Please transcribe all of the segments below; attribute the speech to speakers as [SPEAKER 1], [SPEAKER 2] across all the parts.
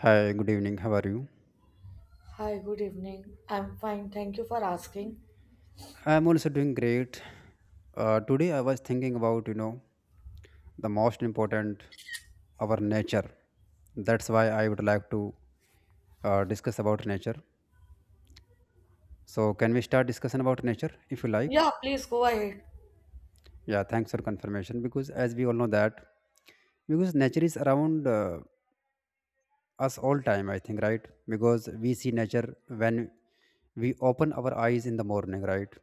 [SPEAKER 1] Hi, good evening. How are you?
[SPEAKER 2] Hi, good evening. I'm fine. Thank you for asking.
[SPEAKER 1] I'm also doing great. Today I was thinking about, the most important, our nature. That's why I would like to discuss about nature. So can we start discussion about nature if you like?
[SPEAKER 2] Yeah, please go ahead.
[SPEAKER 1] Yeah, thanks for confirmation because as we all know that because nature is around us all time, I think, right? Because we see nature when we open our eyes in the morning, right?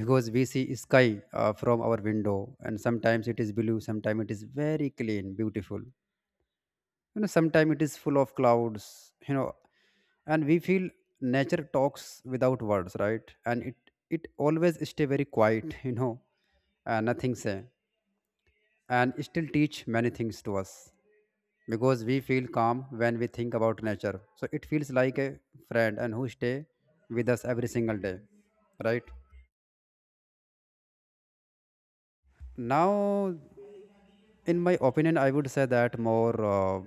[SPEAKER 1] Because we see sky from our window, and sometimes it is blue, sometimes it is very clean, beautiful, sometimes it is full of clouds, and we feel nature talks without words, right? And it always stay very quiet nothing say, and still teach many things to us, because we feel calm when we think about nature, so it feels like a friend and who stay with us every single day, right? Now, in my opinion, I would say that more,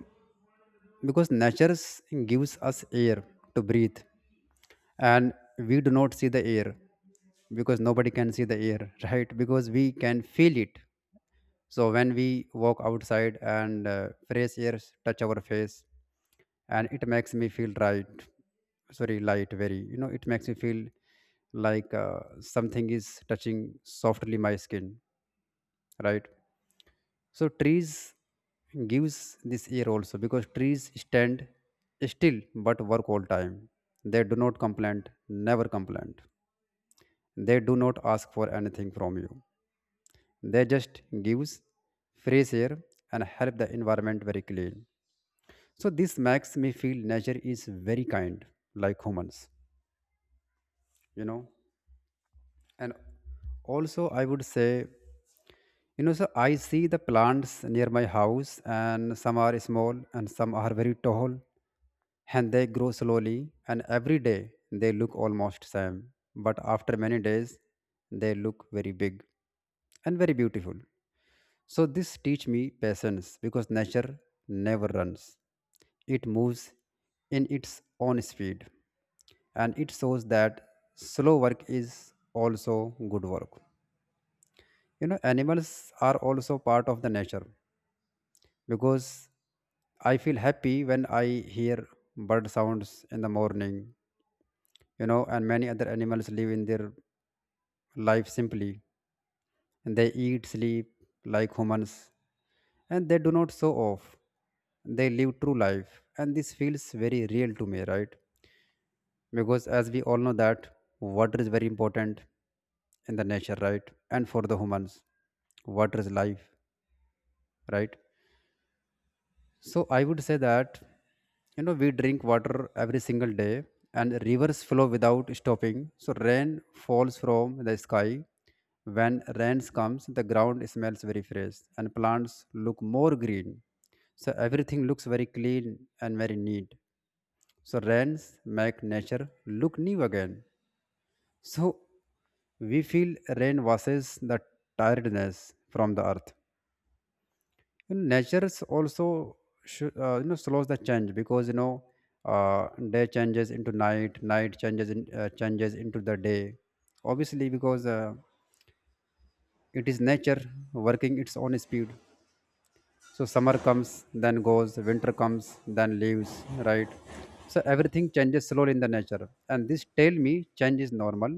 [SPEAKER 1] because gives us air to breathe, and we do not see the air, because nobody can see the air right? Because we can feel it. So when we walk outside and fresh air touch our face, and it makes me feel light, very. You know, it makes me feel like something is touching softly my skin, right? So trees gives this air also, because trees stand still but work all time. They do not complain, never complain. They do not ask for anything from you, they just gives fresh air and help the environment very clean. So this makes me feel nature is very kind, like humans, you know. And also I would say, you know, so I see the plants near my house, and some are small and some are very tall, and they grow slowly and every day they look almost same. But after many days they look very big and very beautiful. So this teach me patience, because nature never runs. It moves in its own speed, and it shows that slow work is also good work. You know, animals are also part of the nature, because I feel happy when I hear bird sounds in the morning, you know, and many other animals live in their life simply. They eat, sleep, like humans, and they do not show off. They live true life, and this feels very real to me, right? Because as we all know that water is very important in the nature, right? And for the humans, water is life, right? So I would say that, you know, we drink water every single day, and rivers flow without stopping. So rain falls from the sky. When rains comes, the ground smells very fresh and plants look more green. So everything looks very clean and very neat. So rains make nature look new again. So we feel rain washes the tiredness from the earth, and nature's also slows the change, because, day changes into night, night changes into the day. Obviously, because it is nature working its own speed. So summer comes, then goes, winter comes, then leaves, right? So everything changes slowly in the nature, and this tell me change is normal,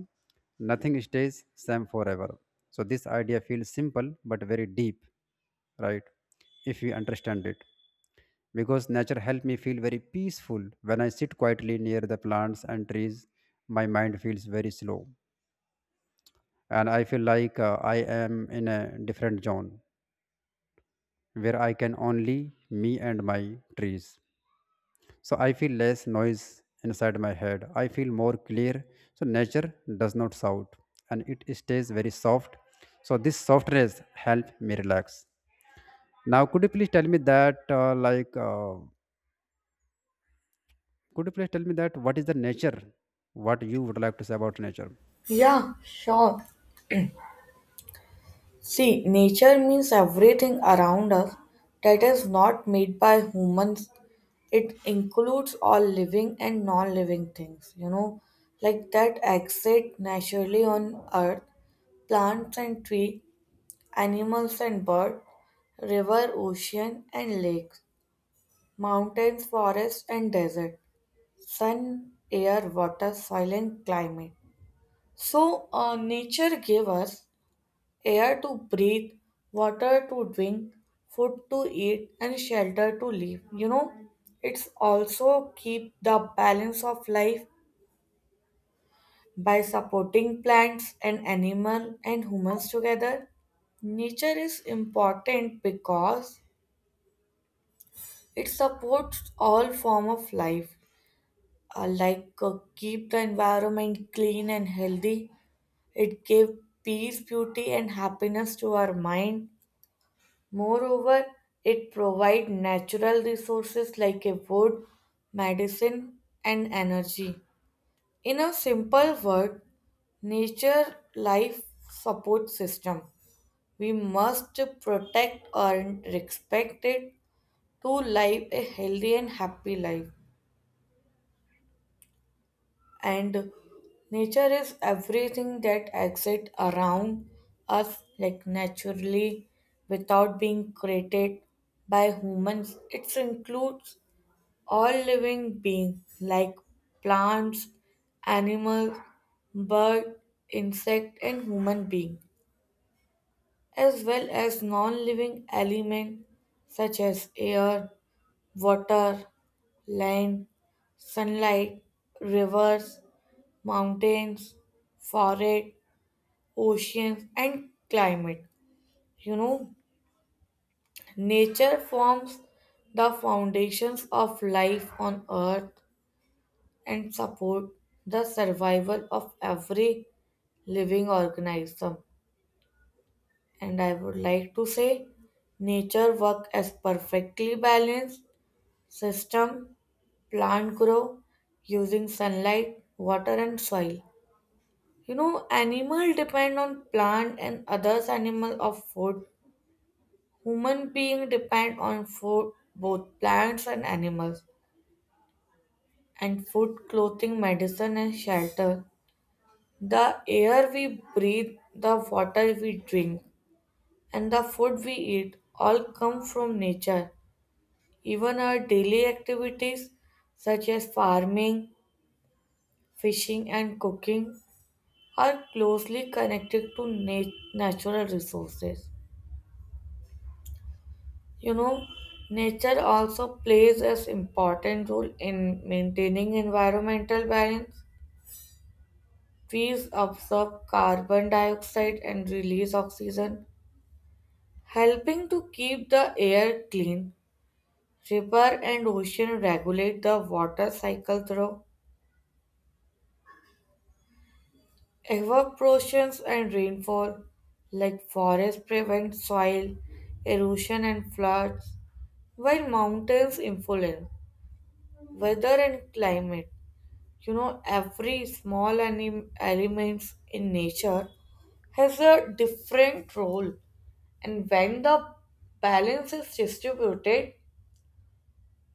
[SPEAKER 1] nothing stays same forever. So this idea feels simple but very deep, right, if we understand it. Because nature helped me feel very peaceful. When I sit quietly near the plants and trees, my mind feels very slow, and I feel like I am in a different zone where I can only me and my trees. So I feel less noise inside my head. I feel more clear. So nature does not shout, and it stays very soft. So this softness help me relax. Now could you please tell me that could you please tell me that what is the nature? What you would like to say about nature?
[SPEAKER 2] Yeah, sure. See, nature means everything around us that is not made by humans. It includes all living and non living things, like that exist naturally on earth plants and tree, animals and bird, river, ocean and lakes, mountains, forests and desert. Sun, air, water, soil, and climate. So, nature gave us air to breathe, water to drink, food to eat, and shelter to live. You know, it's also keep the balance of life by supporting plants and animal and humans together. Nature is important because it supports all form of life, like keep the environment clean and healthy. It gave peace, beauty, and happiness to our mind. Moreover, it provided natural resources like a wood, medicine, and energy. In a simple word, nature life support system. We must protect and respect it to live a healthy and happy life. And nature is everything that exists around us, like naturally, without being created by humans. It includes all living beings like plants, animals, bird, insect and human being, as well as non-living element such as air, water, land, sunlight, rivers, mountains, forest, oceans, and climate. You know, nature forms the foundations of life on earth and support the survival of every living organism. And I would like to say nature work as perfectly balanced system. Plant grow using sunlight, water and soil. You know, animal depend on plant and others animal of food. Human being depend on food, both plants and animals, and food, clothing, medicine, and shelter. The air we breathe, the water we drink, and the food we eat all come from nature. Even our daily activities, such as farming, fishing, and cooking, are closely connected to natural resources. You know, nature also plays as important role in maintaining environmental balance. Trees absorb carbon dioxide and release oxygen, helping to keep the air clean. River and ocean regulate the water cycle through evaporation and rainfall, like forests prevent soil erosion and floods, while mountains influence weather and climate. You know, every small elements in nature has a different role, and when the balance is distributed,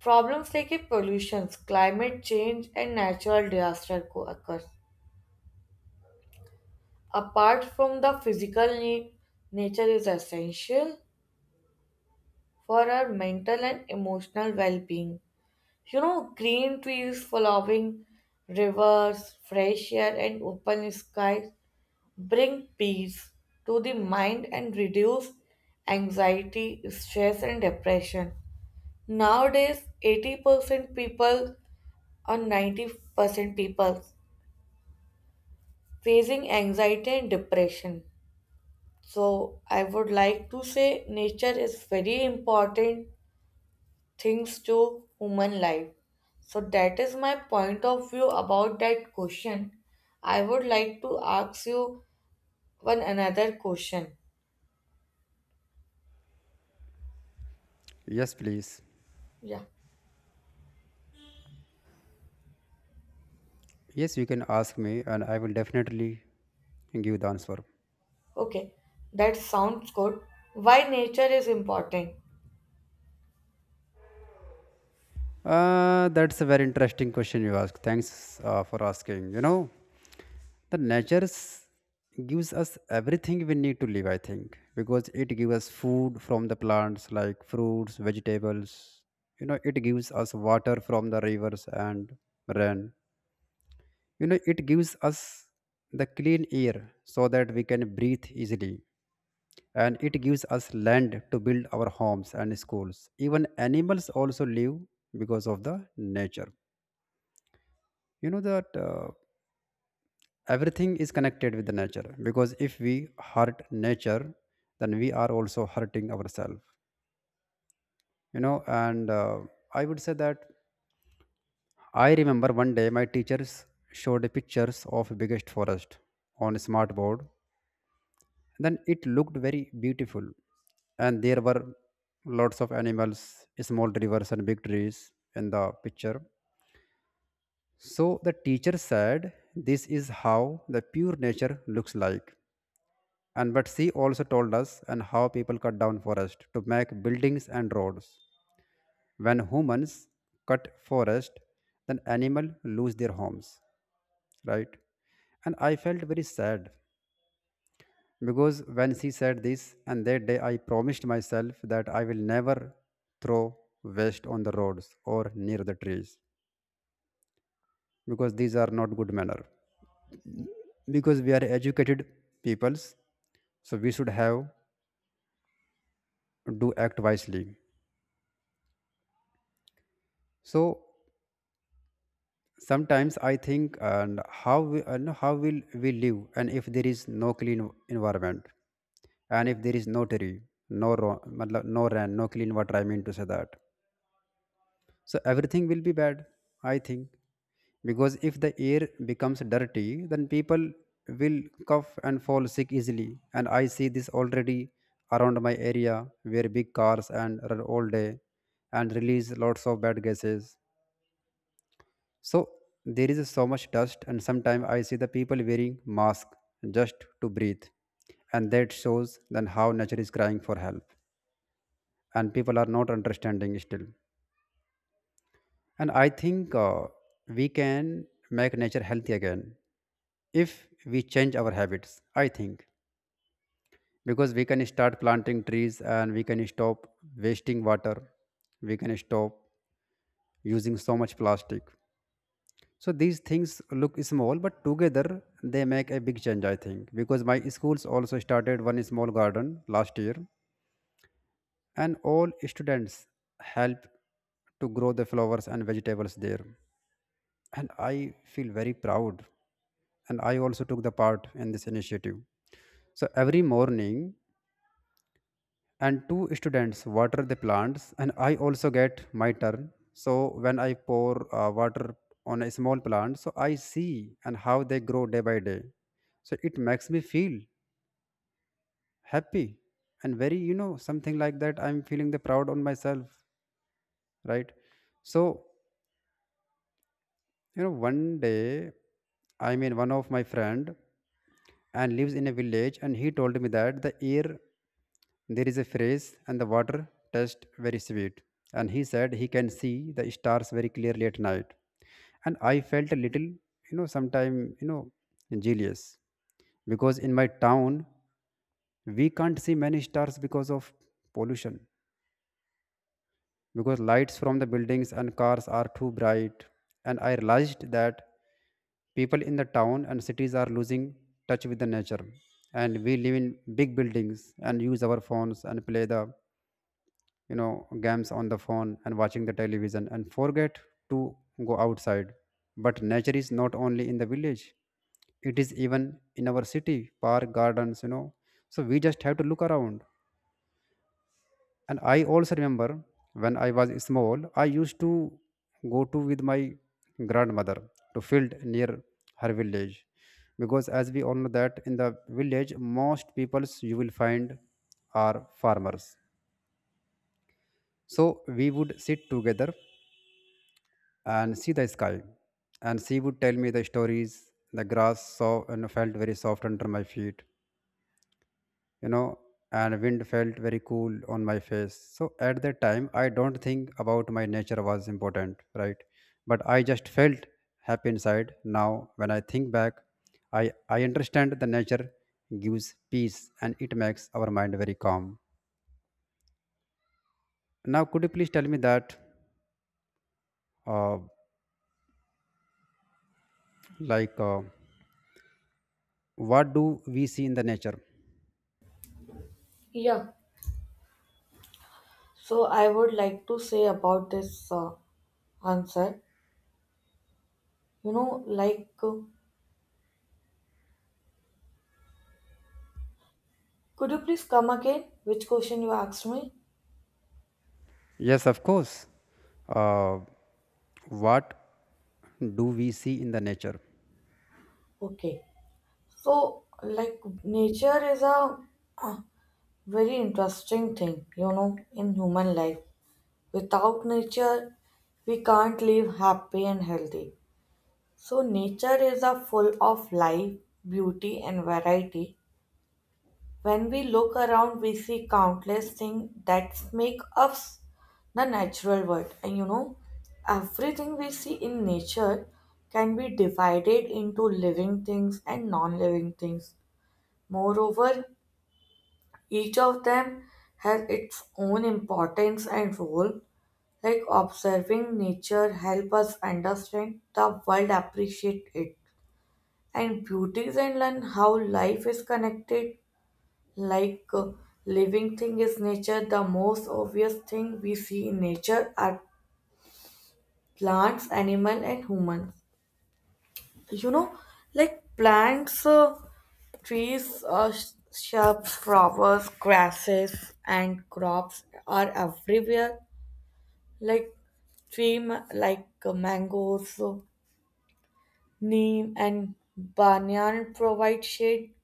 [SPEAKER 2] problems like pollution, climate change and natural disaster occur. Apart from the physical need, nature is essential for our mental and emotional well-being. You know, green trees, flowing rivers, fresh air and open skies bring peace to the mind and reduce anxiety, stress and depression. Nowadays, 80% people or 90% people facing anxiety and depression. So I would like to say nature is very important things to human life. So that is my point of view about that question. I would like to ask you one another question.
[SPEAKER 1] Yes, please.
[SPEAKER 2] Yeah.
[SPEAKER 1] Yes, you can ask me and I will definitely give the answer.
[SPEAKER 2] Okay, that sounds good. Why nature is important?
[SPEAKER 1] That's a very interesting question you ask. Thanks for asking. You know, the nature gives us everything we need to live, I think, because it gives us food from the plants, like fruits, vegetables, you know. It gives us water from the rivers and rain, you know. It gives us the clean air so that we can breathe easily, and it gives us land to build our homes and schools. Even animals also live because of the nature, you know. That, everything is connected with the nature, because if we hurt nature, then we are also hurting ourselves, you know. And I would say that I remember one day my teachers showed pictures of biggest forest on a smart board. Then it looked very beautiful, and there were lots of animals, small rivers and big trees in the picture. So the teacher said, this is how the pure nature looks like. And but she also told us and how people cut down forest to make buildings and roads. When humans cut forest, then animal lose their homes, right? And I felt very sad, because when she said this, and that day I promised myself that I will never throw waste on the roads or near the trees, because these are not good manner. Because we are educated peoples, so we should have do act wisely. So sometimes I think and how we, and how will we live and if there is no clean environment, and if there is no tree, no ro- matlab, no ran, no clean water, I mean to say that, so everything will be bad, I think. Because if the air becomes dirty, then people will cough and fall sick easily, and I see this already around my area, where big cars and run all day and release lots of bad gases. So there is so much dust, and sometimes I see the people wearing masks just to breathe, and that shows then how nature is crying for help, and people are not understanding still. And I think, we can make nature healthy again if we change our habits, I think. Because we can start planting trees, and we can stop wasting water, we can stop using so much plastic. So these things look small, but together they make a big change, I think, because my schools also started one small garden last year, and all students help to grow the flowers and vegetables there. And I feel very proud. And I also took the part in this initiative. So every morning, and two students water the plants, and I also get my turn. So when I pour water on a small plant, so I see and how they grow day by day. So it makes me feel happy and very, you know, something like that, I'm feeling the proud on myself, right? So, one day, I mean, one of my friend and lives in a village, and he told me that the air there is a phrase, and the water tastes very sweet, and he said he can see the stars very clearly at night. And I felt a little, you know sometime you know jealous, because in my town we can't see many stars because of pollution, because lights from the buildings and cars are too bright. And I realized that people in the town and cities are losing touch with the nature. And we live in big buildings and use our phones and play the, games on the phone and watching the television, and forget to go outside. But nature is not only in the village; it is even in our city, park, gardens. You know, so we just have to look around. And I also remember when I was small, I used to go to with my grandmother to field near her village. Because as we all know that in the village, most peoples you will find are farmers. So we would sit together and see the sky, and she would tell me the stories. The grass so and felt very soft under my feet, you know, and wind felt very cool on my face. So at that time I don't think about my nature was important, right? But I just felt happy inside. Now when I think back, i I understand the nature gives peace, and it makes our mind very calm. Now could you please tell me that uh, like uh, what do we see in the nature?
[SPEAKER 2] Yeah, so I would like to say about this answer. You know, like, uh, could you please come again? Which question you asked me?
[SPEAKER 1] Yes, of course. Uh, what do we see in the nature?
[SPEAKER 2] Okay, so like, nature is a very interesting thing, you know, in human life. Without nature, we can't live happy and healthy. So, nature is a full of life, beauty, and variety. When we look around, we see countless things that make us the natural world. And you know, everything we see in nature can be divided into living things and non living things. Moreover, each of them has its own importance and role. Like observing nature help us understand the world, appreciate it, and beauties and learn how life is connected, like living thing is nature. The most obvious thing we see in nature are plants, animal and humans. You know, like plants, trees, shrubs, flowers, grasses and crops are everywhere, like like mangoes, neem and banyan provide shade.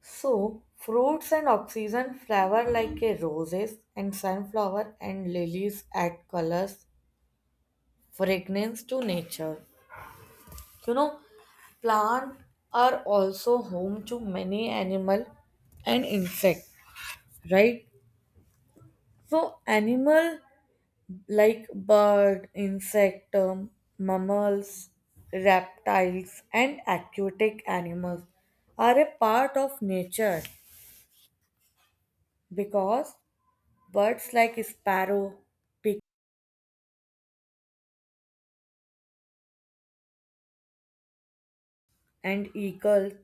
[SPEAKER 2] So, fruits and oxygen flower like a roses and sunflower and lilies add colors, fragrance to nature. You know, plants are also home to many animal and insect, right? So, animal like bird, insect, mammals, reptiles, and aquatic animals are a part of nature, because birds like sparrow, and eagles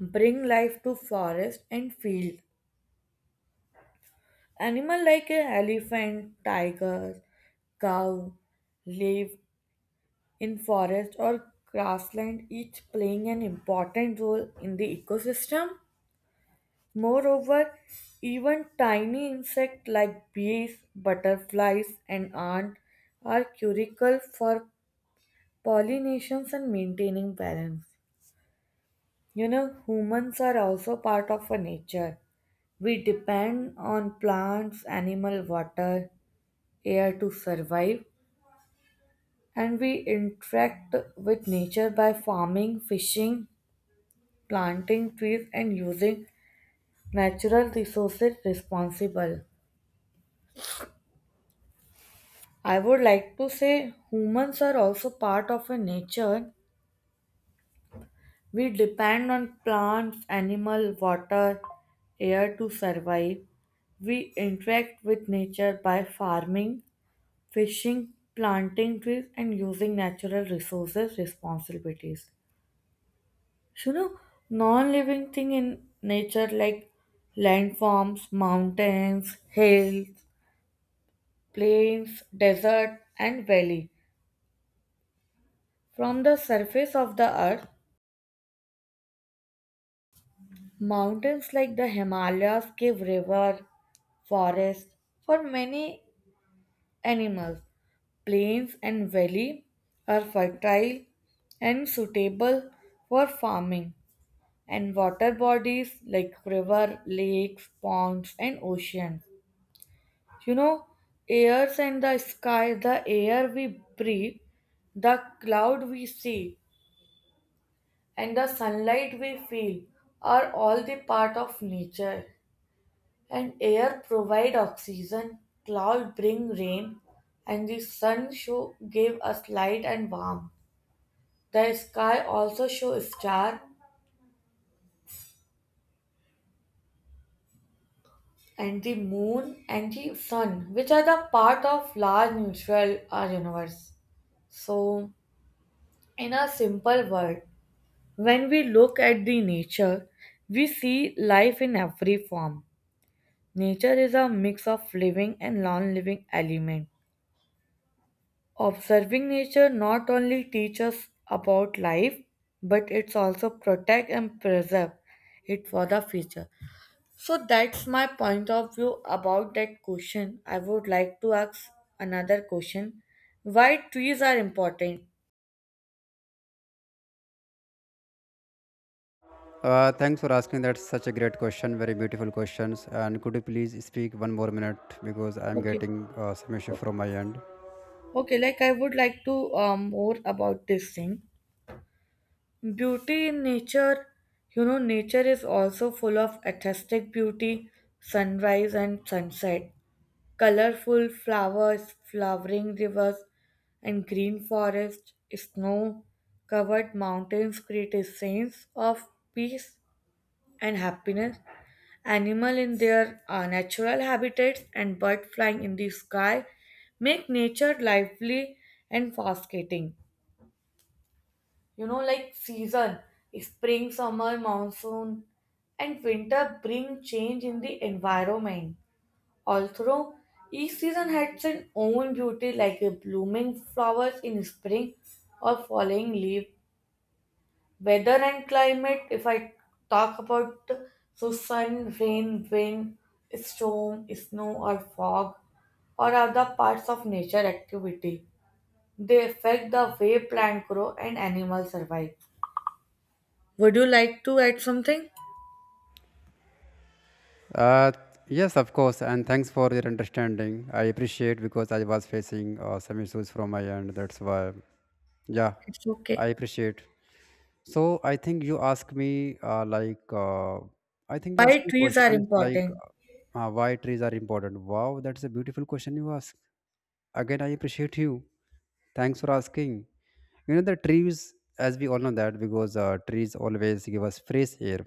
[SPEAKER 2] bring life to forest and field. Animals like an elephant, tiger, cow live in forest or grassland, each playing an important role in the ecosystem. Moreover, even tiny insects like bees, butterflies, and ants are critical for pollinations and maintaining balance. You know, humans are also part of a nature. We depend on plants, animal, water, air to survive, and we interact with nature by farming, fishing, planting trees, and using natural resources responsibly. I would like to say humans are also part of a nature. We depend on plants, animal, water, air to survive. We interact with nature by farming, fishing, planting trees, and using natural resources responsibilities. You know, non living thing in nature like landforms, mountains, hills, plains, desert, and valley. From the surface of the earth, mountains like the Himalayas give river, forest for many animals. Plains and valley are fertile and suitable for farming. And water bodies like river, lakes, ponds, and oceans. You know, airs and the sky, the air we breathe, the cloud we see, and the sunlight we feel are all the part of nature. And air provide oxygen, cloud bring rain, and the sun show give us light and warmth. The sky also show star and the moon and the sun, which are the part of large neutral universe. So, in a simple word, when we look at the nature, we see life in every form. Nature is a mix of living and non-living element. Observing nature not only teaches about life, but it's also protect and preserve it for the future. So that's my point of view about that question. I would like to ask another question. Why trees are important?
[SPEAKER 1] Thanks for asking. That's such a great question. Very beautiful questions. And could you please speak one more minute, because I'm
[SPEAKER 2] Okay.
[SPEAKER 1] getting some issue
[SPEAKER 2] o-
[SPEAKER 1] from my end.
[SPEAKER 2] Okay, like I would like to more about this thing. Beauty in nature, you know, nature is also full of aesthetic beauty, sunrise and sunset, colorful flowers, flowering rivers, and green forest, snow covered mountains create a sense of peace and happiness. Animal in their natural habitats and bird flying in the sky make nature lively and fascinating. You know, like season, spring, summer, monsoon, and winter bring change in the environment. Although each season has its own beauty, like a blooming flowers in spring or falling leaf. Weather and climate, if I talk about, so sun, rain, wind, storm, snow or fog or other parts of nature activity. They affect the way plants grow and animals survive. Would you like to add something?
[SPEAKER 1] Uh, yes, of course. And thanks for your understanding. I appreciate, because I was facing some issues from my end. That's why. Yeah,
[SPEAKER 2] It's
[SPEAKER 1] I
[SPEAKER 2] okay.
[SPEAKER 1] appreciate. So I think you ask me I think you ask
[SPEAKER 2] Why
[SPEAKER 1] me
[SPEAKER 2] trees are
[SPEAKER 1] questions like
[SPEAKER 2] important?
[SPEAKER 1] uh, why trees are important. Wow, that's a beautiful question you ask. Again, I appreciate you. Thanks for asking. You know the trees, as we all know that because trees always give us fresh air.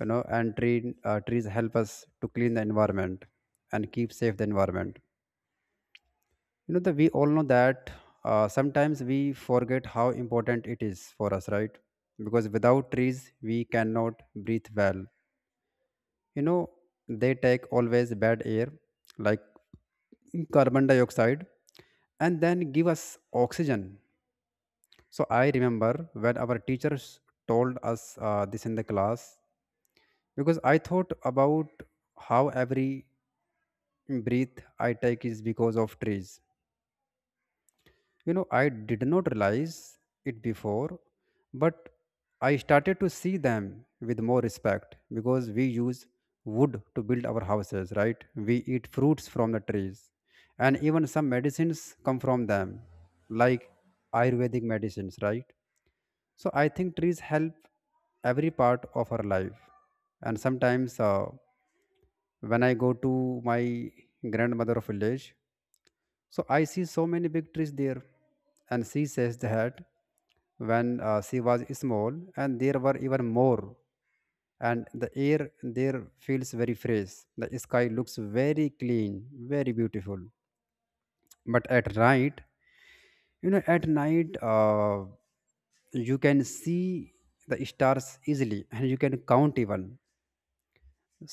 [SPEAKER 1] You know, and trees help us to clean the environment and keep safe the environment, you know that we all know that sometimes we forget how important it is for us, right? Because without trees we cannot breathe well, you know. They take always bad air like carbon dioxide and then give us oxygen. So I remember when our teachers told us this in the class, because I thought about how every breath I take is because of trees. You know, I did not realize it before, but I started to see them with more respect because we use wood to build our houses, right? We eat fruits from the trees, and even some medicines come from them, like Ayurvedic medicines, right? So I think trees help every part of our life. And sometimes when I go to my grandmother village, so I see so many big trees there. And she says that when she was small, and there were even more. And the air there feels very fresh. The sky looks very clean, very beautiful. But at night, you know, at night, you can see the stars easily and you can count even.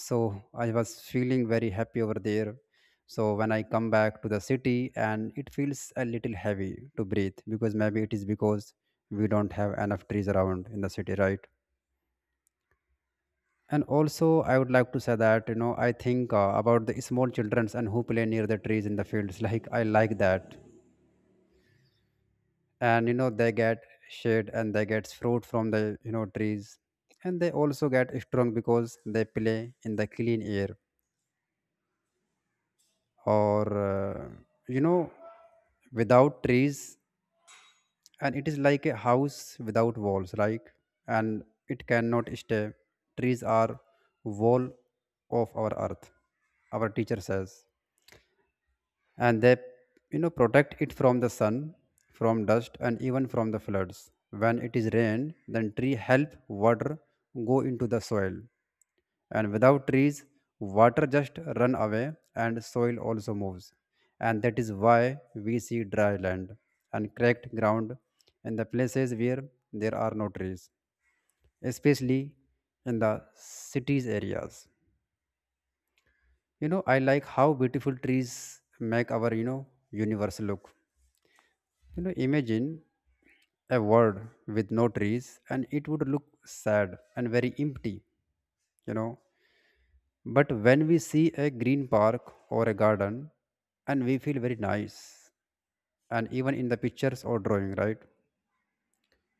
[SPEAKER 1] So I was feeling very happy over there. So when I come back to the city and it feels a little heavy to breathe, because maybe it is because we don't have enough trees around in the city, right? And also I would like to say that, you know, I think about the small childrens and who play near the trees in the fields like I like that. And you know they get shade and they get fruit from the, you know, trees, and they also get strong because they play in the clean air. Or uh, you know without trees, and it is like a house without walls, right? And it cannot stay. Trees are wall of our earth, our teacher says, and they, you know, protect it from the sun, from dust and even from the floods. When it is rain, then tree help water go into the soil. And without trees, water just run away and soil also moves. And that is why we see dry land and cracked ground in the places where there are no trees, especially in the cities areas. You know, I like how beautiful trees make our, you know, universe look. You know, imagine a world with no trees and it would look sad and very empty, you know. But when we see a green park or a garden, and we feel very nice, and even in the pictures or drawing, right?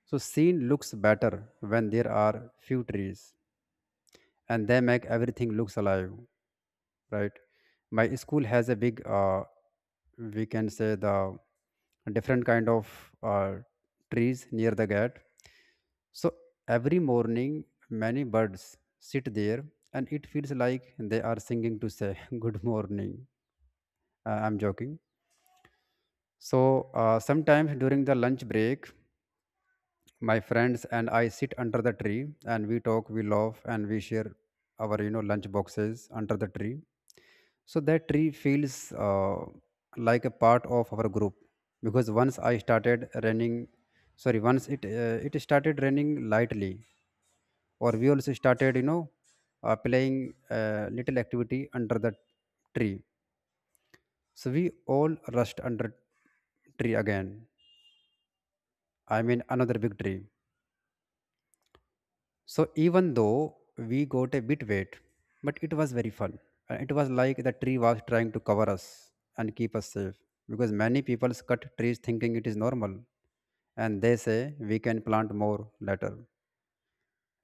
[SPEAKER 1] So scene looks better when there are few trees and they make everything looks alive. Right. My school has a big, we can say, the different kind of, trees near the gate. So every morning many birds sit there and it feels like they are singing to say good morning. I'm joking. So sometimes during the lunch break, my friends and I sit under the tree and we talk, we laugh, and we share our, you know, lunch boxes under the tree. So that tree feels like a part of our group. Because once I started running, sorry, once it started raining lightly, or we also started, you know, playing little activity under the tree. So we all rushed under tree again, I mean another big tree. So even though we got a bit wet, but it was very fun. And it was like the tree was trying to cover us and keep us safe. Because many people cut trees thinking it is normal, and they say we can plant more later.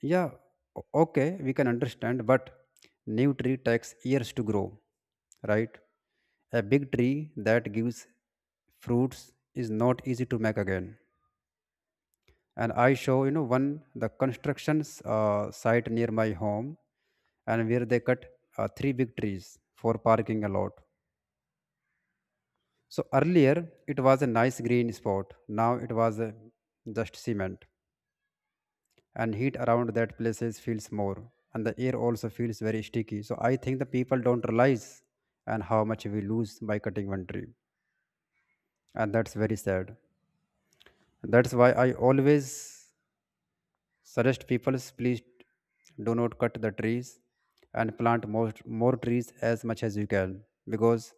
[SPEAKER 1] Yeah, okay, we can understand, but new tree takes years to grow, right? A big tree that gives fruits is not easy to make again. And I show, you know, one the constructions site near my home, and where they cut three big trees for parking a lot. So earlier it was a nice green spot, now it was just cement, and heat around that places feels more, and the air also feels very sticky. So I think the people don't realize and how much we lose by cutting one tree, and that's very sad. That's why I always suggest people, please do not cut the trees and plant more, more trees as much as you can, because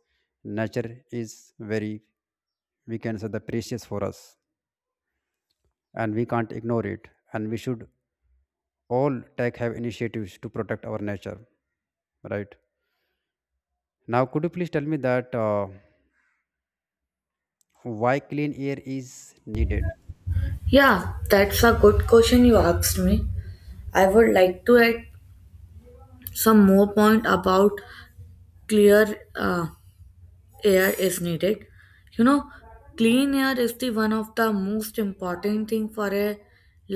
[SPEAKER 1] nature is very, we can say, the precious for us, and we can't ignore it, and we should all take have initiatives to protect our nature, right? Now could you please tell me that why clean air is needed?
[SPEAKER 2] Yeah, that's a good question you asked me. I would like to add some more point about clear air is needed. You know, clean air is the one of the most important thing for a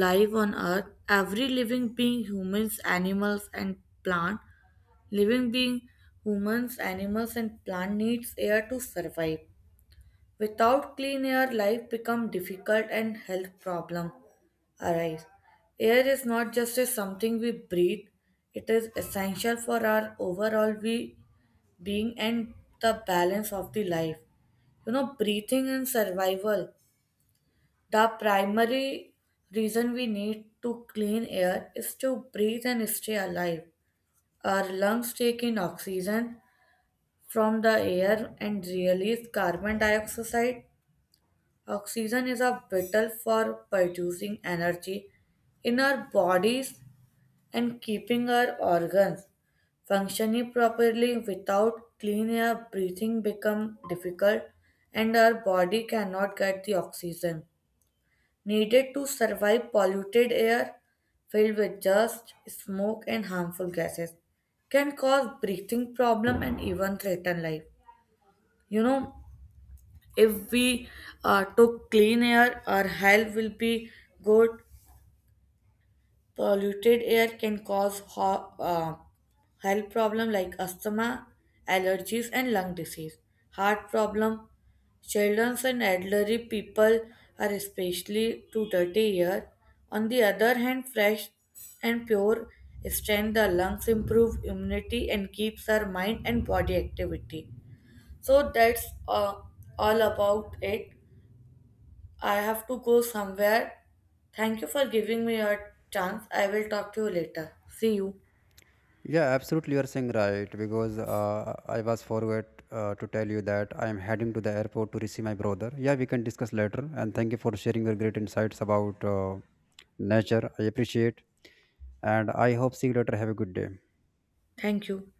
[SPEAKER 2] life on earth. Every living being, humans, animals and plant living being humans, animals and plant needs air to survive. Without clean air, life becomes difficult and health problems arise. Air is not just a something we breathe, it is essential for our overall we being and the balance of the life. You know, breathing and survival. The primary reason we need to clean air is to breathe and stay alive. Our lungs take in oxygen from the air and release carbon dioxide. Oxygen is a vital for producing energy in our bodies and keeping our organs functioning properly. Without clean air, breathing becomes difficult and our body cannot get the oxygen needed to survive. Polluted air filled with dust, smoke and harmful gases can cause breathing problem and even threaten life. You know, if we took clean air, our health will be good. Polluted air can cause health problem like asthma, allergies, and lung disease. Heart problem. Children and elderly people are especially to dirty air. On the other hand, fresh and pure strengthen the lungs, improve immunity, and keeps our mind and body activity. So that's all about it. I have to go somewhere. Thank you for giving me a chance. I will talk to you later. See you.
[SPEAKER 1] Yeah, absolutely, you're saying right, because I was forgot to tell you that I am heading to the airport to receive my brother. Yeah, we can discuss later. And thank you for sharing your great insights about nature. I appreciate, and I hope see you later. Have a good day.
[SPEAKER 2] Thank you.